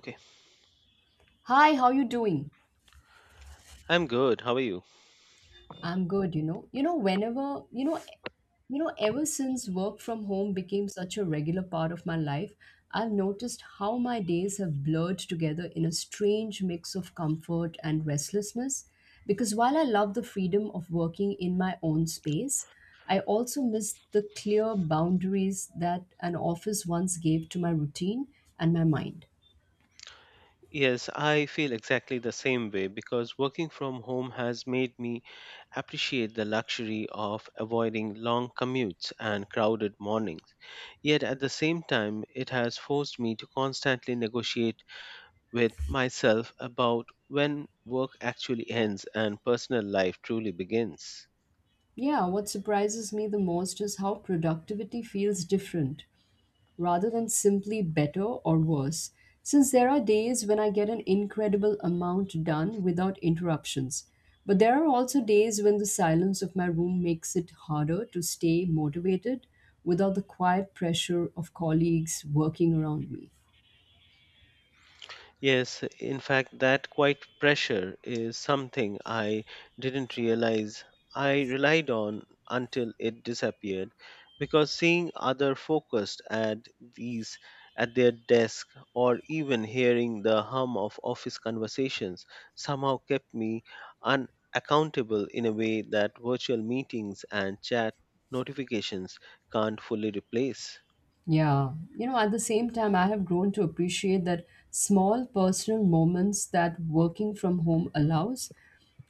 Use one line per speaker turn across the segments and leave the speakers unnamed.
Okay,
Hi, how you doing?
I'm good. How are you?
I'm good, you know. You know, whenever, you know, ever since work from home became such a regular part of my life, I've noticed how my days have blurred together in a strange mix of comfort and restlessness. Because while I love the freedom of working in my own space, I also miss the clear boundaries that an office once gave to my routine and my mind.
Yes, I feel exactly the same way because working from home has made me appreciate the luxury of avoiding long commutes and crowded mornings. Yet at the same time, it has forced me to constantly negotiate with myself about when work actually ends and personal life truly begins.
Yeah, what surprises me the most is how productivity feels different rather than simply better or worse, since there are days when I get an incredible amount done without interruptions. But there are also days when the silence of my room makes it harder to stay motivated without the quiet pressure of colleagues working around me.
Yes, in fact, that quiet pressure is something I didn't realize I relied on until it disappeared because seeing other focused at their desk or even hearing the hum of office conversations somehow kept me unaccountable in a way that virtual meetings and chat notifications can't fully replace.
Yeah, at the same time, I have grown to appreciate that small personal moments that working from home allows,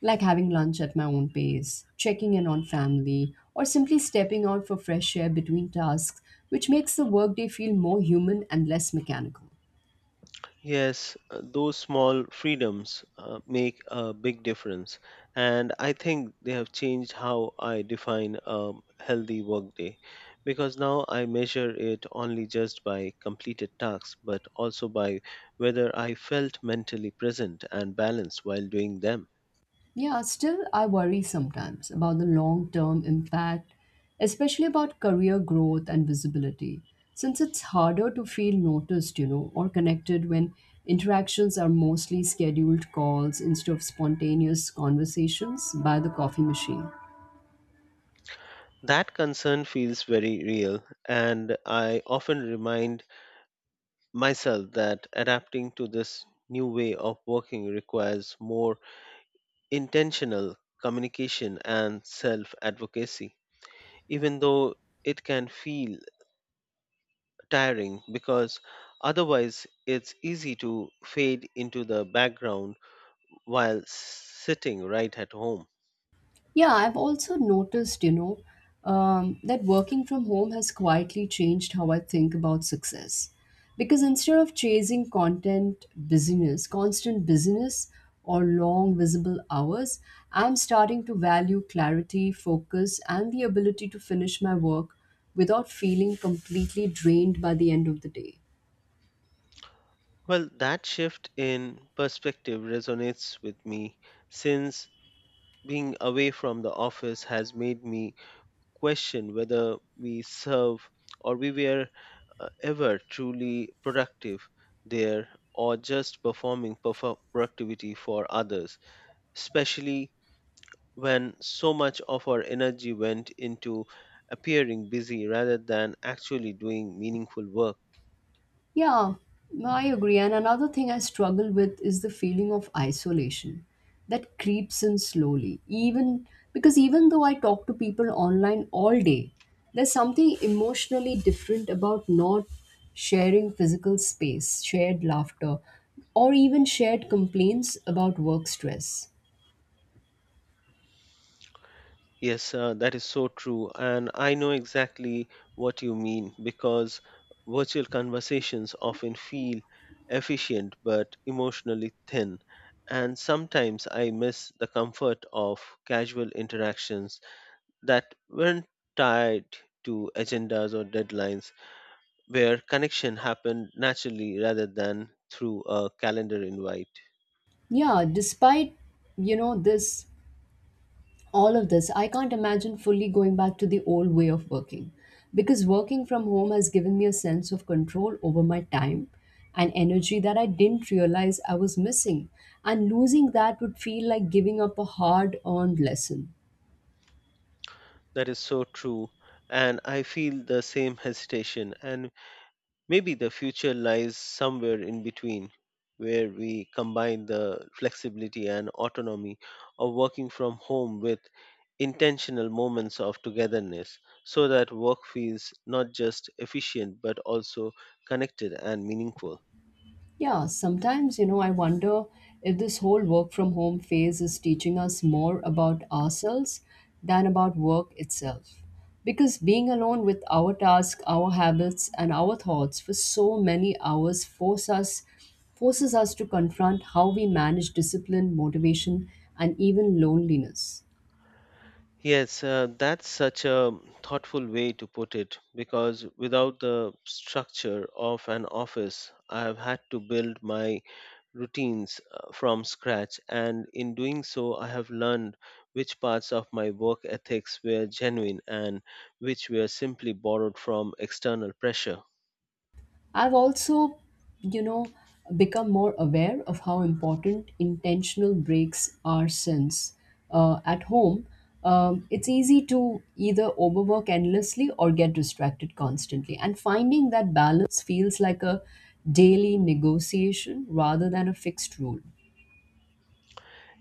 like having lunch at my own pace, checking in on family, or simply stepping out for fresh air between tasks, which makes the workday feel more human and less mechanical.
Yes, those small freedoms make a big difference. And I think they have changed how I define a healthy workday because now I measure it only just by completed tasks, but also by whether I felt mentally present and balanced while doing them.
Yeah, still, I worry sometimes about the long term impact, especially about career growth and visibility, since it's harder to feel noticed, or connected when interactions are mostly scheduled calls instead of spontaneous conversations by the coffee machine.
That concern feels very real, and I often remind myself that adapting to this new way of working requires more intentional communication and self advocacy, even though it can feel tiring because otherwise it's easy to fade into the background while sitting right at home.
Yeah, I've also noticed that working from home has quietly changed how I think about success. Because instead of chasing content business, constant business, or long visible hours, I'm starting to value clarity, focus, and the ability to finish my work without feeling completely drained by the end of the day.
Well, that shift in perspective resonates with me since being away from the office has made me question whether we serve or we were ever truly productive there or just performing productivity for others, especially when so much of our energy went into appearing busy rather than actually doing meaningful work.
Yeah, no, I agree. And another thing I struggle with is the feeling of isolation that creeps in slowly. Even though I talk to people online all day, there's something emotionally different about not sharing physical space, shared laughter, or even shared complaints about work stress.
Yes, that is so true. And I know exactly what you mean because virtual conversations often feel efficient but emotionally thin. And sometimes I miss the comfort of casual interactions that weren't tied to agendas or deadlines, where connection happened naturally rather than through a calendar invite.
Yeah, despite you know this all of this, I can't imagine fully going back to the old way of working because working from home has given me a sense of control over my time and energy that I didn't realize I was missing. And losing that would feel like giving up a hard earned lesson.
That is so true. And I feel the same hesitation and maybe the future lies somewhere in between, where we combine the flexibility and autonomy of working from home with intentional moments of togetherness so that work feels not just efficient but also connected and meaningful.
Yeah, sometimes, I wonder if this whole work from home phase is teaching us more about ourselves than about work itself. Because being alone with our tasks, our habits, and our thoughts for so many hours forces us to confront how we manage discipline, motivation, and even loneliness.
Yes, that's such a thoughtful way to put it because without the structure of an office, I have had to build my routines from scratch, and in doing so, I have learned which parts of my work ethics were genuine and which were simply borrowed from external pressure.
I've also, you know, become more aware of how important intentional breaks are since at home, it's easy to either overwork endlessly or get distracted constantly. And finding that balance feels like a daily negotiation rather than a fixed rule.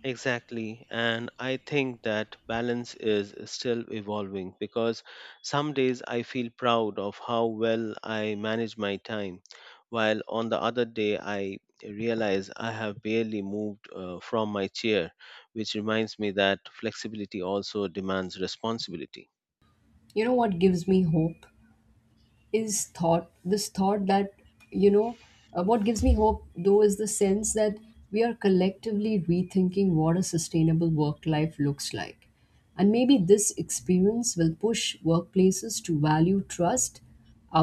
Exactly. And I think that balance is still evolving because some days I feel proud of how well I manage my time, while on the other day I realize I have barely moved from my chair, which reminds me that flexibility also demands responsibility.
You know what gives me hope? Is thought this thought that you know What gives me hope though is the sense that we are collectively rethinking what a sustainable work life looks like, and maybe this experience will push workplaces to value trust,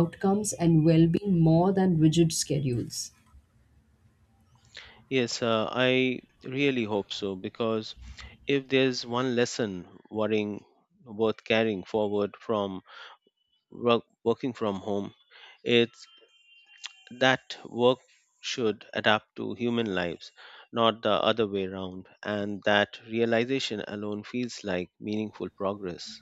outcomes, and well-being more than rigid schedules.
Yes, I really hope so because if there's one lesson worrying worth carrying forward from working from home, it's that work should adapt to human lives, not the other way around. And that realization alone feels like meaningful progress.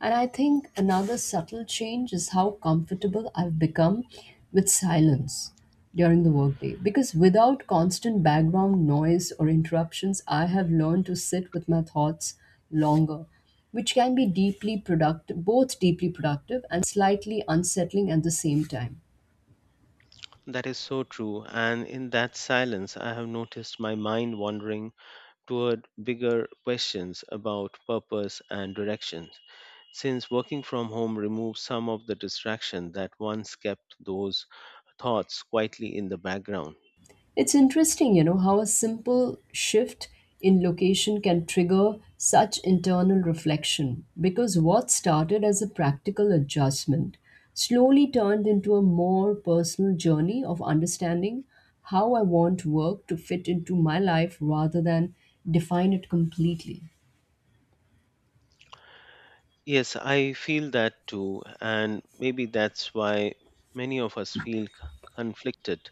And I think another subtle change is how comfortable I've become with silence during the workday. Because without constant background noise or interruptions, I have learned to sit with my thoughts longer, which can be both deeply productive and slightly unsettling at the same time.
That is so true. And in that silence, I have noticed my mind wandering toward bigger questions about purpose and direction, since working from home removes some of the distraction that once kept those thoughts quietly in the background.
It's interesting how a simple shift in location can trigger such internal reflection, because what started as a practical adjustment slowly turned into a more personal journey of understanding how I want work to fit into my life rather than define it completely.
Yes, I feel that too, and maybe that's why many of us feel conflicted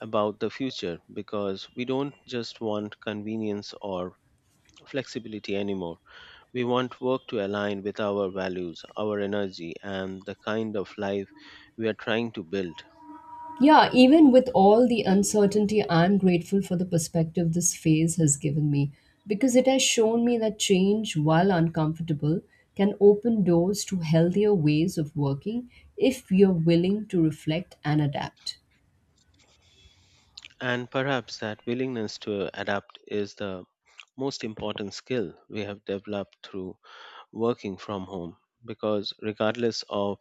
about the future because we don't just want convenience or flexibility anymore. We want work to align with our values, our energy, and the kind of life we are trying to build.
Yeah, even with all the uncertainty, I'm grateful for the perspective this phase has given me, because it has shown me that change, while uncomfortable, can open doors to healthier ways of working if you're willing to reflect and adapt.
And perhaps that willingness to adapt is the most important skill we have developed through working from home. Because regardless of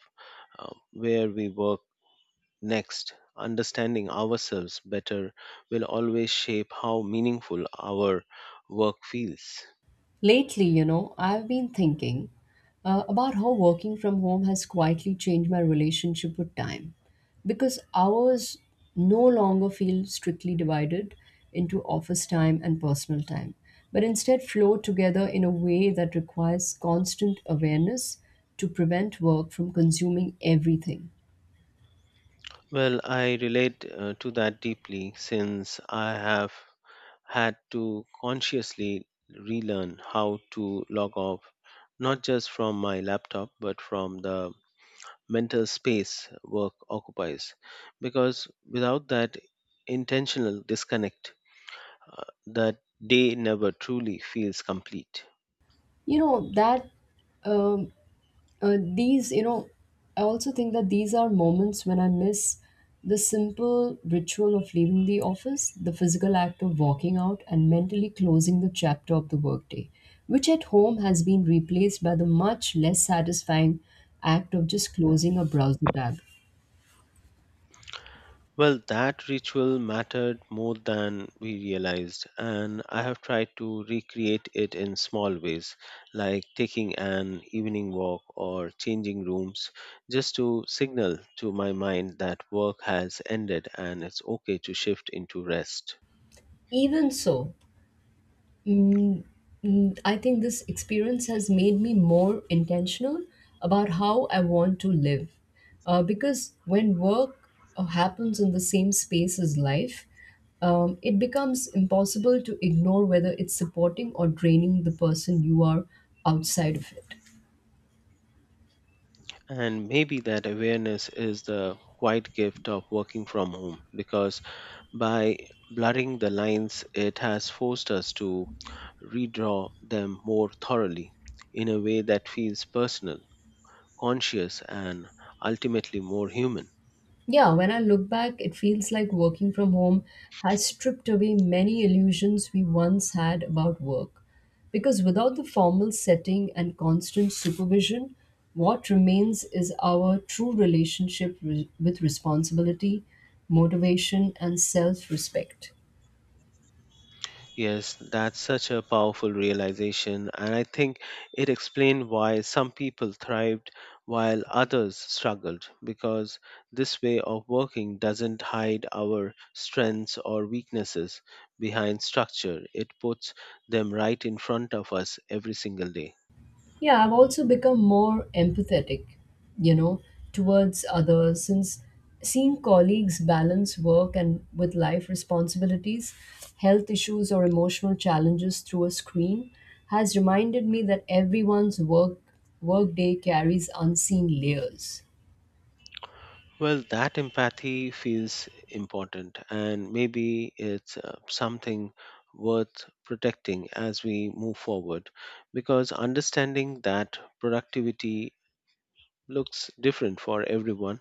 where we work next, understanding ourselves better will always shape how meaningful our work feels.
Lately, I've been thinking about how working from home has quietly changed my relationship with time, because hours no longer feel strictly divided into office time and personal time, but instead flow together in a way that requires constant awareness to prevent work from consuming everything.
Well, I relate to that deeply since I have had to consciously relearn how to log off, not just from my laptop, but from the mental space work occupies. Because without that intentional disconnect, that day never truly feels complete.
You know, that um, these you know I also think that these are moments when I miss the simple ritual of leaving the office, the physical act of walking out and mentally closing the chapter of the workday, which at home has been replaced by the much less satisfying act of just closing a browser tab.
Well, that ritual mattered more than we realized, and I have tried to recreate it in small ways, like taking an evening walk or changing rooms, just to signal to my mind that work has ended and it's okay to shift into rest.
Even so Mm, mm, I think this experience has made me more intentional about how I want to live. Because when work happens in the same space as life, it becomes impossible to ignore whether it's supporting or draining the person you are outside of it.
And maybe that awareness is the quiet gift of working from home because by blurring the lines, it has forced us to redraw them more thoroughly in a way that feels personal, conscious, and ultimately more human.
Yeah, when I look back, it feels like working from home has stripped away many illusions we once had about work. Because without the formal setting and constant supervision, what remains is our true relationship with responsibility, motivation, and self respect.
Yes, that's such a powerful realization, and I think it explained why some people thrived while others struggled, because this way of working doesn't hide our strengths or weaknesses behind structure. It puts them right in front of us every single day.
Yeah, I've also become more empathetic, you know, towards others, since seeing colleagues balance work and with life responsibilities, health issues, or emotional challenges through a screen has reminded me that everyone's workday carries unseen layers.
Well, that empathy feels important, and maybe it's something worth protecting as we move forward because understanding that productivity looks different for everyone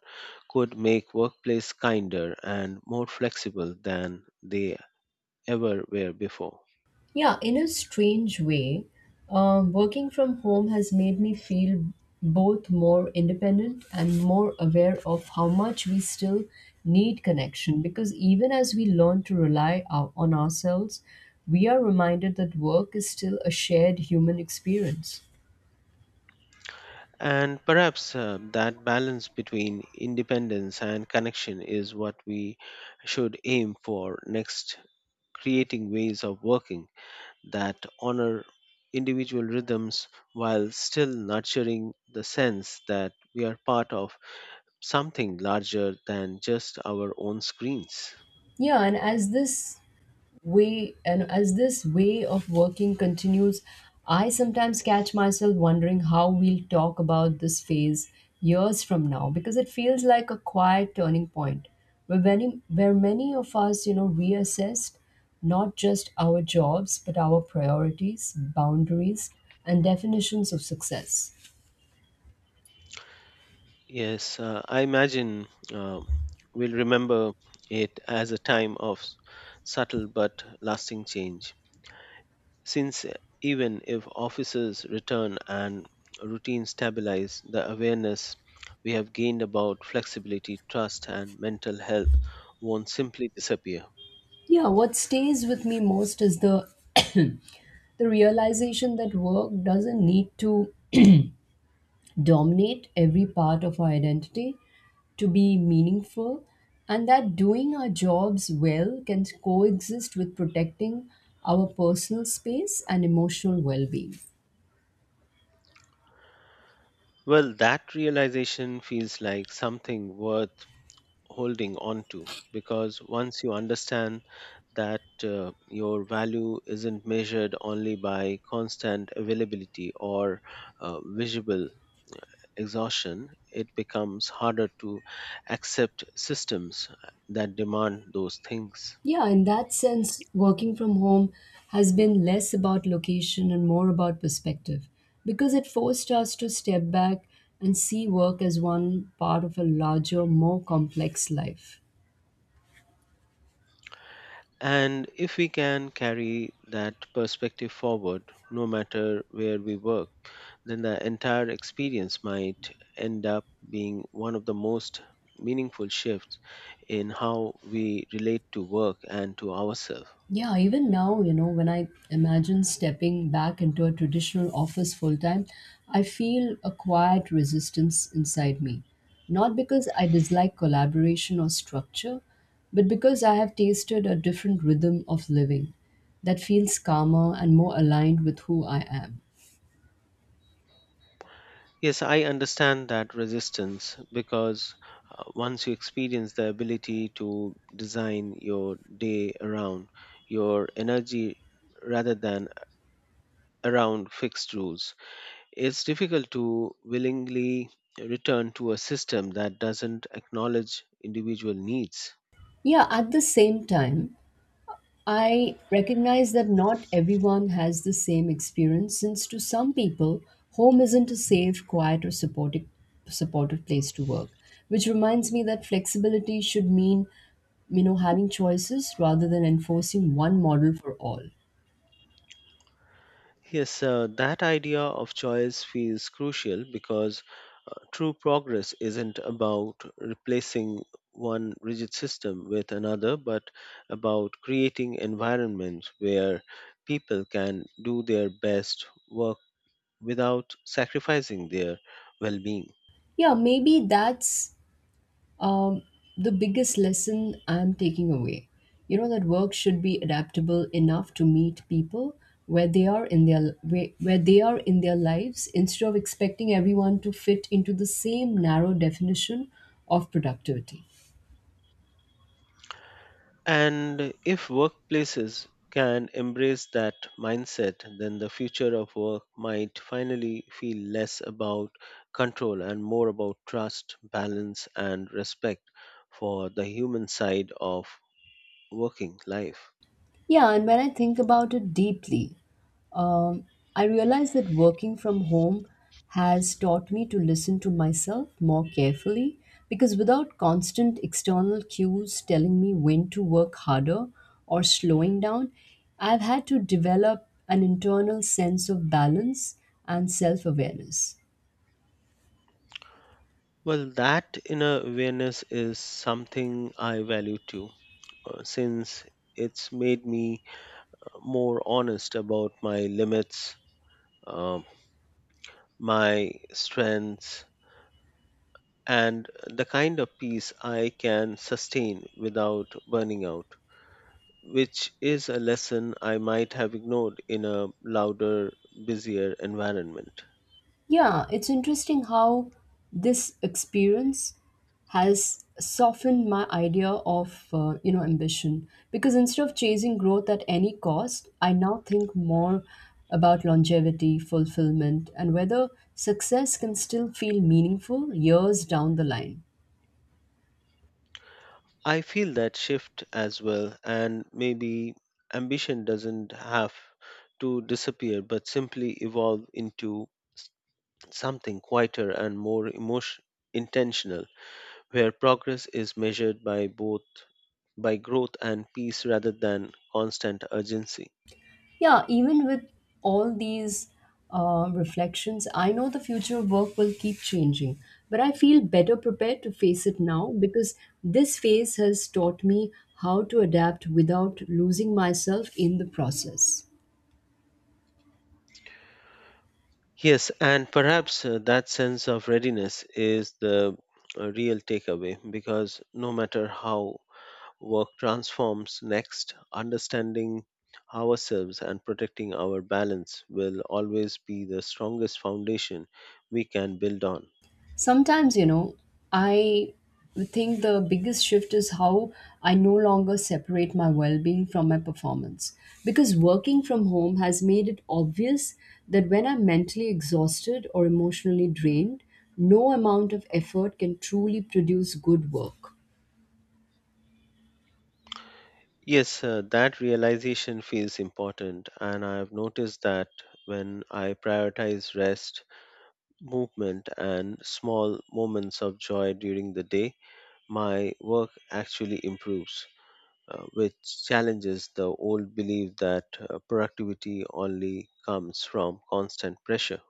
could make workplace kinder and more flexible than they ever were before.
Yeah, in a strange way, working from home has made me feel both more independent and more aware of how much we still need connection. Because even as we learn to on ourselves, we are reminded that work is still a shared human experience.
And perhaps that balance between independence and connection is what we should aim for next, creating ways of working that honor individual rhythms while still nurturing the sense that we are part of something larger than just our own screens.
Yeah, and as this way and as this way of working continues, I sometimes catch myself wondering how we'll talk about this phase years from now, because it feels like a quiet turning point where many of us reassessed not just our jobs, but our priorities, boundaries, and definitions of success.
Yes, I imagine uh, we'll remember it as a time of subtle but lasting change. Since even if offices return and routines stabilize, the awareness we have gained about flexibility, trust, and mental health won't simply disappear.
Yeah, what stays with me most is the realization that work doesn't need to dominate every part of our identity to be meaningful, and that doing our jobs well can coexist with protecting our personal space and emotional well being.
Well, that realization feels like something worth holding on to because once you understand that your value isn't measured only by constant availability or visible exhaustion, it becomes harder to accept systems that demand those things.
Yeah, in that sense, working from home has been less about location and more about perspective, because it forced us to step back and see work as one part of a larger, more complex life.
And if we can carry that perspective forward, no matter where we work, then the entire experience might end up being one of the most meaningful shifts in how we relate to work and to ourselves.
Yeah, even now, when I imagine stepping back into a traditional office full time, I feel a quiet resistance inside me. Not because I dislike collaboration or structure, but because I have tasted a different rhythm of living that feels calmer and more aligned with who I am.
Yes, I understand that resistance because once you experience the ability to design your day around your energy rather than around fixed rules, it's difficult to willingly return to a system that doesn't acknowledge individual needs.
Yeah, at the same time, I recognize that not everyone has the same experience, since to some people, home isn't a safe, quiet, or supportive place to work. Which reminds me that flexibility should mean having choices rather than enforcing one model for all.
Yes, that idea of choice feels crucial because true progress isn't about replacing one rigid system with another, but about creating environments where people can do their best work without sacrificing their well being.
Yeah, maybe that's um, the biggest lesson I'm taking away. You know that work should be adaptable enough to meet people where they are in their lives, instead of expecting everyone to fit into the same narrow definition of productivity.
And if workplaces can embrace that mindset, then the future of work might finally feel less about control and more about trust, balance, and respect for the human side of working life.
Yeah, and when I think about it deeply, um, I realize that working from home has taught me to listen to myself more carefully, because without constant external cues telling me when to work harder or slowing down, I've had to develop an internal sense of balance and self awareness.
Well, that inner awareness is something I value too, since it's made me more honest about my limits, um my strengths, and the kind of peace I can sustain without burning out, which is a lesson I might have ignored in a louder, busier environment.
Yeah, it's interesting how this experience has softened my idea of ambition, because instead of chasing growth at any cost, I now think more about longevity, fulfillment, and whether success can still feel meaningful years down the line.
I feel that shift as well, and maybe ambition doesn't have to disappear but simply evolve into something quieter and more emotion intentional, where progress is measured by both by growth and peace rather than constant urgency.
Yeah, even with all these reflections, I know the future of work will keep changing, but I feel better prepared to face it now because this phase has taught me how to adapt without losing myself in the process.
Yes, and perhaps that sense of readiness is the real takeaway because no matter how work transforms next, understanding ourselves and protecting our balance will always be the strongest foundation we can build on.
Sometimes, I think the biggest shift is how I no longer separate my well being from my performance. Because working from home has made it obvious that when I'm mentally exhausted or emotionally drained, no amount of effort can truly produce good work.
Yes, that realization feels important, and I have noticed that when I prioritize rest, movement, and small moments of joy during the day, my work actually improves, which challenges the old belief that productivity only comes from constant pressure.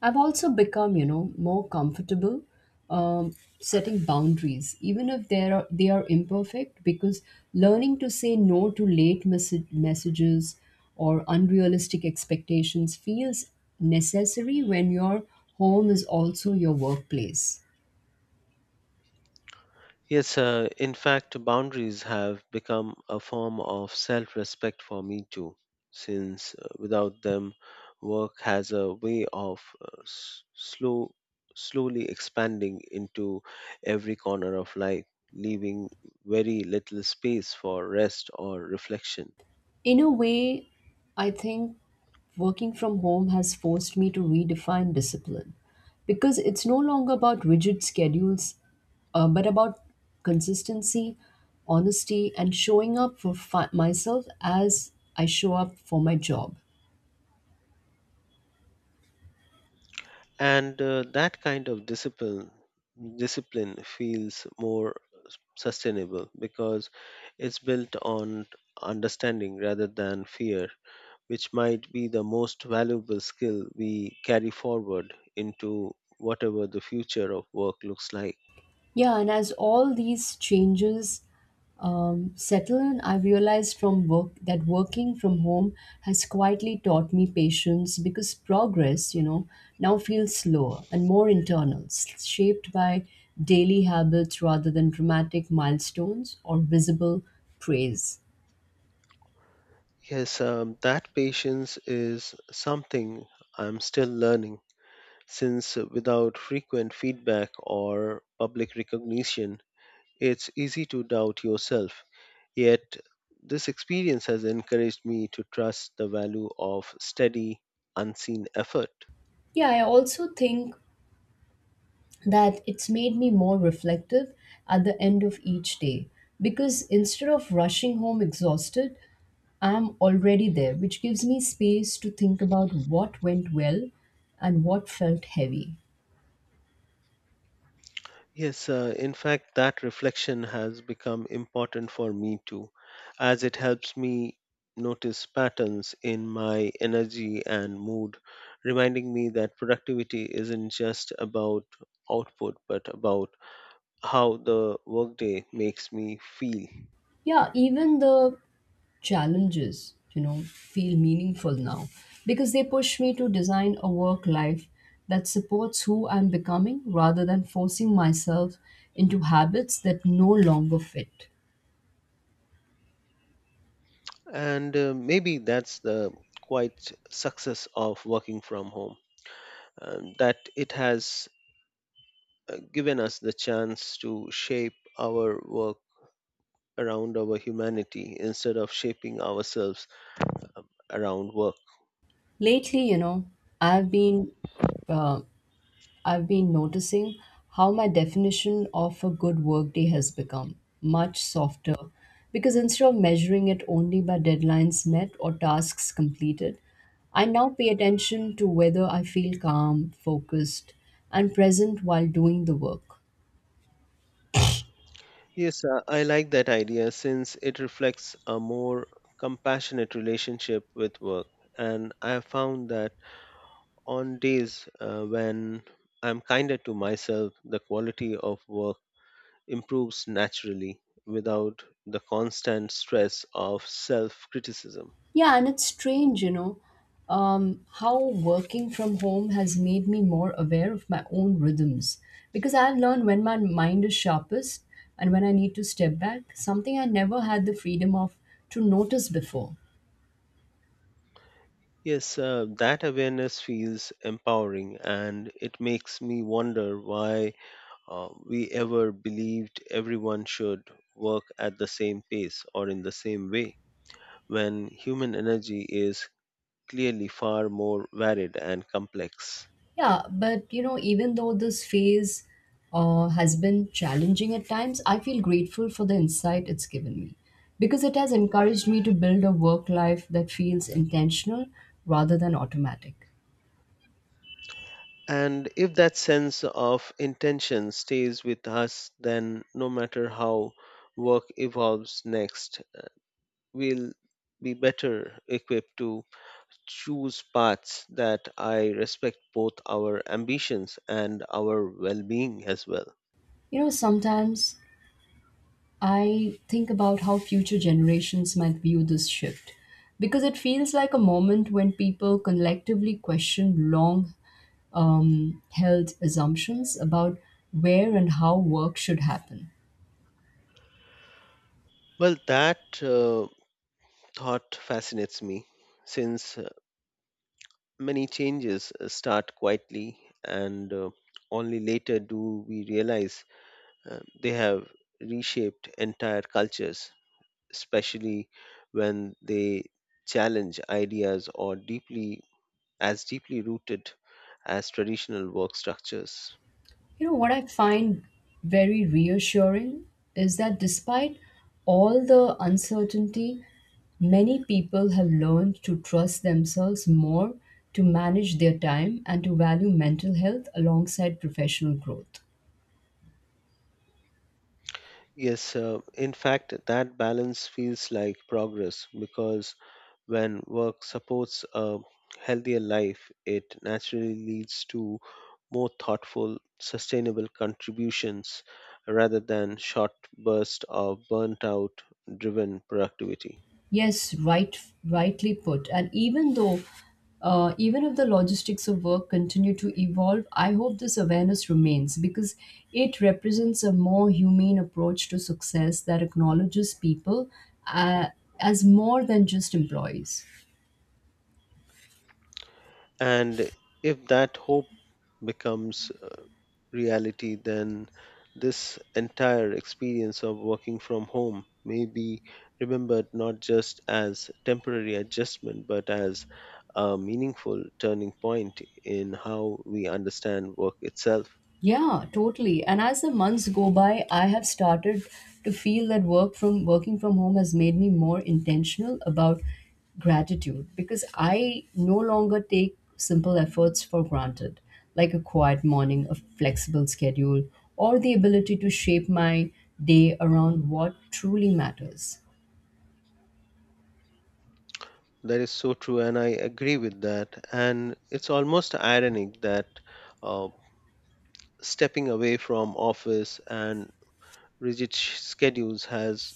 I've also become more comfortable um, setting boundaries, even if they are imperfect, because learning to say no to late messages or unrealistic expectations feels necessary when your home is also your workplace.
Yes, in fact, boundaries have become a form of self respect for me too, since without them, work has a way of slowly expanding into every corner of life, leaving very little space for rest or reflection.
In a way, I think working from home has forced me to redefine discipline because it's no longer about rigid schedules, but about consistency, honesty, and showing up for myself as I show up for my job.
And that kind of discipline feels more sustainable because it's built on understanding rather than fear, which might be the most valuable skill we carry forward into whatever the future of work looks like.
Yeah, and as all these changes settle in, I've realized from work that working from home has quietly taught me patience because progress now feels slower and more internal, shaped by daily habits rather than dramatic milestones or visible praise.
Yes, that patience is something I'm still learning since without frequent feedback or public recognition, it's easy to doubt yourself. Yet, this experience has encouraged me to trust the value of steady, unseen effort.
Yeah, I also think that it's made me more reflective at the end of each day because instead of rushing home exhausted, I'm already there, which gives me space to think about what went well and what felt heavy.
Yes, in fact, that reflection has become important for me too, as it helps me notice patterns in my energy and mood, reminding me that productivity isn't just about output but about how the workday makes me feel.
Yeah, even the challenges feel meaningful now because they push me to design a work life that supports who I'm becoming rather than forcing myself into habits that no longer fit.
And maybe that's the quite success of working from home. That it has given us the chance to shape our work around our humanity instead of shaping ourselves around work.
Lately, I've been uh, noticing how my definition of a good workday has become much softer because instead of measuring it only by deadlines met or tasks completed, I now pay attention to whether I feel calm, focused, and present while doing the work.
Yes, I like that idea since it reflects a more compassionate relationship with work. And I have found that on days when I'm kinder to myself, the quality of work improves naturally without the constant stress of self criticism.
Yeah, and it's strange, how working from home has made me more aware of my own rhythms because I've learned when my mind is sharpest and when I need to step back, something I never had the freedom of to notice before.
Yes, that awareness feels empowering and it makes me wonder why we ever believed everyone should work at the same pace or in the same way when human energy is clearly far more varied and complex.
Yeah, but you know, even though this phase has been challenging at times, I feel grateful for the insight it's given me because it has encouraged me to build a work life that feels intentional rather than automatic.
And if that sense of intention stays with us, then no matter how work evolves next, we'll be better equipped to choose paths that I respect both our ambitions and our well being as well.
You know, sometimes I think about how future generations might view this shift because it feels like a moment when people collectively question long held assumptions about where and how work should happen.
Well, that thought fascinates me since many changes start quietly and only later do we realize they have reshaped entire cultures, especially when they challenge ideas or deeply rooted as traditional work structures.
You know, what I find very reassuring is that despite all the uncertainty, many people have learned to trust themselves more to manage their time and to value mental health alongside professional growth.
Yes, in fact, that balance feels like progress because when work supports a healthier life, it naturally leads to more thoughtful, sustainable contributions rather than short bursts of burnt out driven productivity.
Yes, right, rightly put. And even though, even if the logistics of work continue to evolve, I hope this awareness remains because it represents a more humane approach to success that acknowledges people uh, as more than just employees.
And if that hope becomes reality, then this entire experience of working from home may be remembered not just as temporary adjustment but as a meaningful turning point in how we understand work itself.
Yeah, totally. And as the months go by, I have started to feel that working from home has made me more intentional about gratitude because I no longer take simple efforts for granted, like a quiet morning, a flexible schedule, or the ability to shape my day around what truly matters.
That is so true, and I agree with that. And it's almost ironic that uh, stepping away from office and rigid schedules has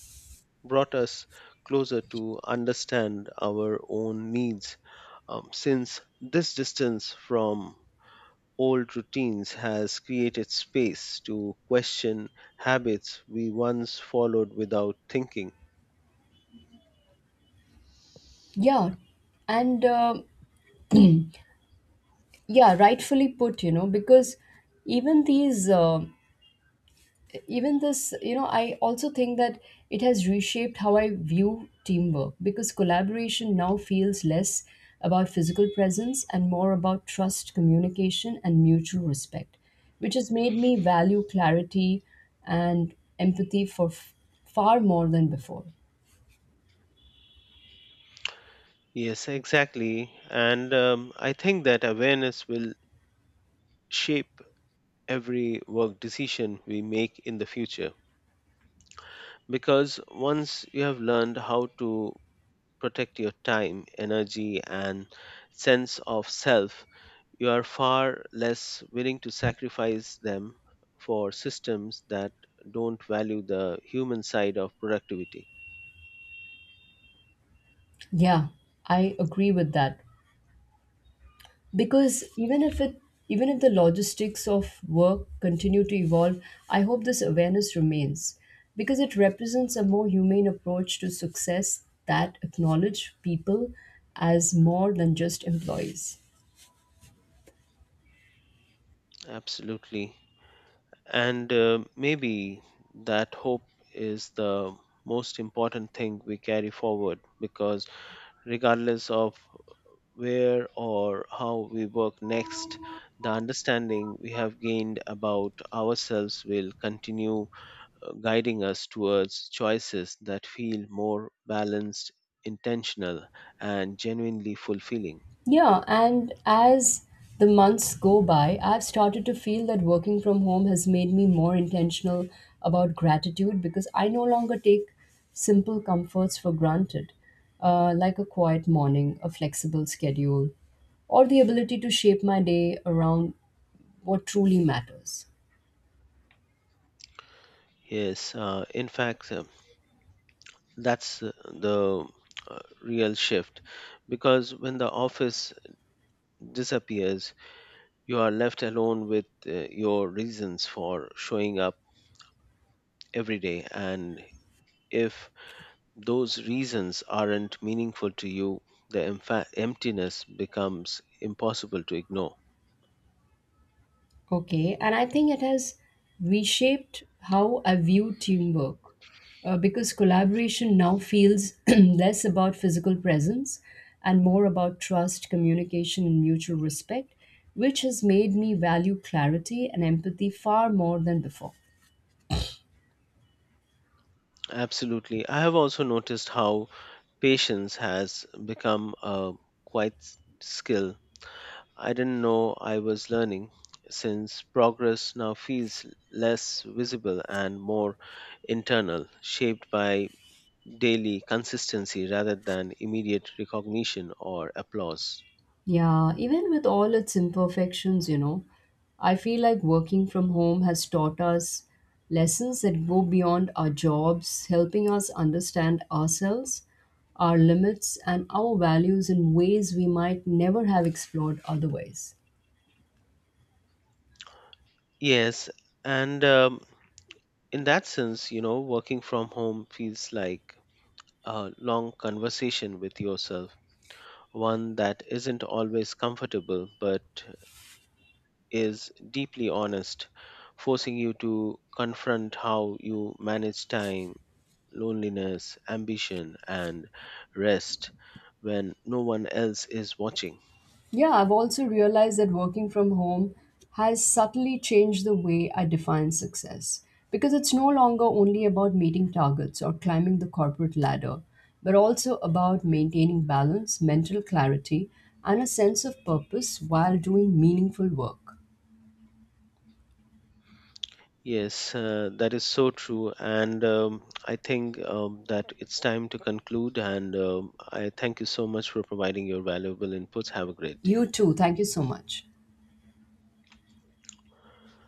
brought us closer to understand our own needs, since this distance from old routines has created space to question habits we once followed without thinking.
Yeah, and yeah, rightfully put, you know, because even these uh, even this you know I also think that it has reshaped how I view teamwork because collaboration now feels less about physical presence and more about trust, communication, and mutual respect, which has made me value clarity and empathy far more than before.
Yes, exactly. And I think that awareness will shape every work decision we make in the future. Because once you have learned how to protect your time, energy, and sense of self, you are far less willing to sacrifice them for systems that don't value the human side of productivity.
Yeah, I agree with that because even if the logistics of work continue to evolve, I hope this awareness remains because it represents a more humane approach to success that acknowledge people as more than just employees.
Absolutely. And maybe that hope is the most important thing we carry forward because, regardless of where or how we work next, the understanding we have gained about ourselves will continue guiding us towards choices that feel more balanced, intentional, and genuinely fulfilling.
Yeah, and as the months go by, I've started to feel that working from home has made me more intentional about gratitude because I no longer take simple comforts for granted, like a quiet morning, a flexible schedule, or the ability to shape my day around what truly matters.
Yes, that's the real shift because when the office disappears, you are left alone with your reasons for showing up every day. And if those reasons aren't meaningful to you, the emptiness becomes impossible to ignore.
Okay, and I think it has reshaped how I view teamwork because collaboration now feels less about physical presence and more about trust, communication, and mutual respect, which has made me value clarity and empathy far more than before.
Absolutely. I have also noticed how patience has become a quite skill. I didn't know I was learning since progress now feels less visible and more internal, shaped by daily consistency rather than immediate recognition or applause.
Yeah, even with all its imperfections, you know, I feel like working from home has taught us lessons that go beyond our jobs, helping us understand ourselves, our limits, and our values in ways we might never have explored otherwise.
Yes, and in that sense, you know, working from home feels like a long conversation with yourself, one that isn't always comfortable but is deeply honest, forcing you to confront how you manage time, loneliness, ambition, and rest when no one else is watching.
Yeah, I've also realized that working from home has subtly changed the way I define success because it's no longer only about meeting targets or climbing the corporate ladder, but also about maintaining balance, mental clarity, and a sense of purpose while doing meaningful work.
Yes, that is so true. And I think that it's time to conclude. And I thank you so much for providing your valuable inputs. Have a great day.
You too. Thank you so much.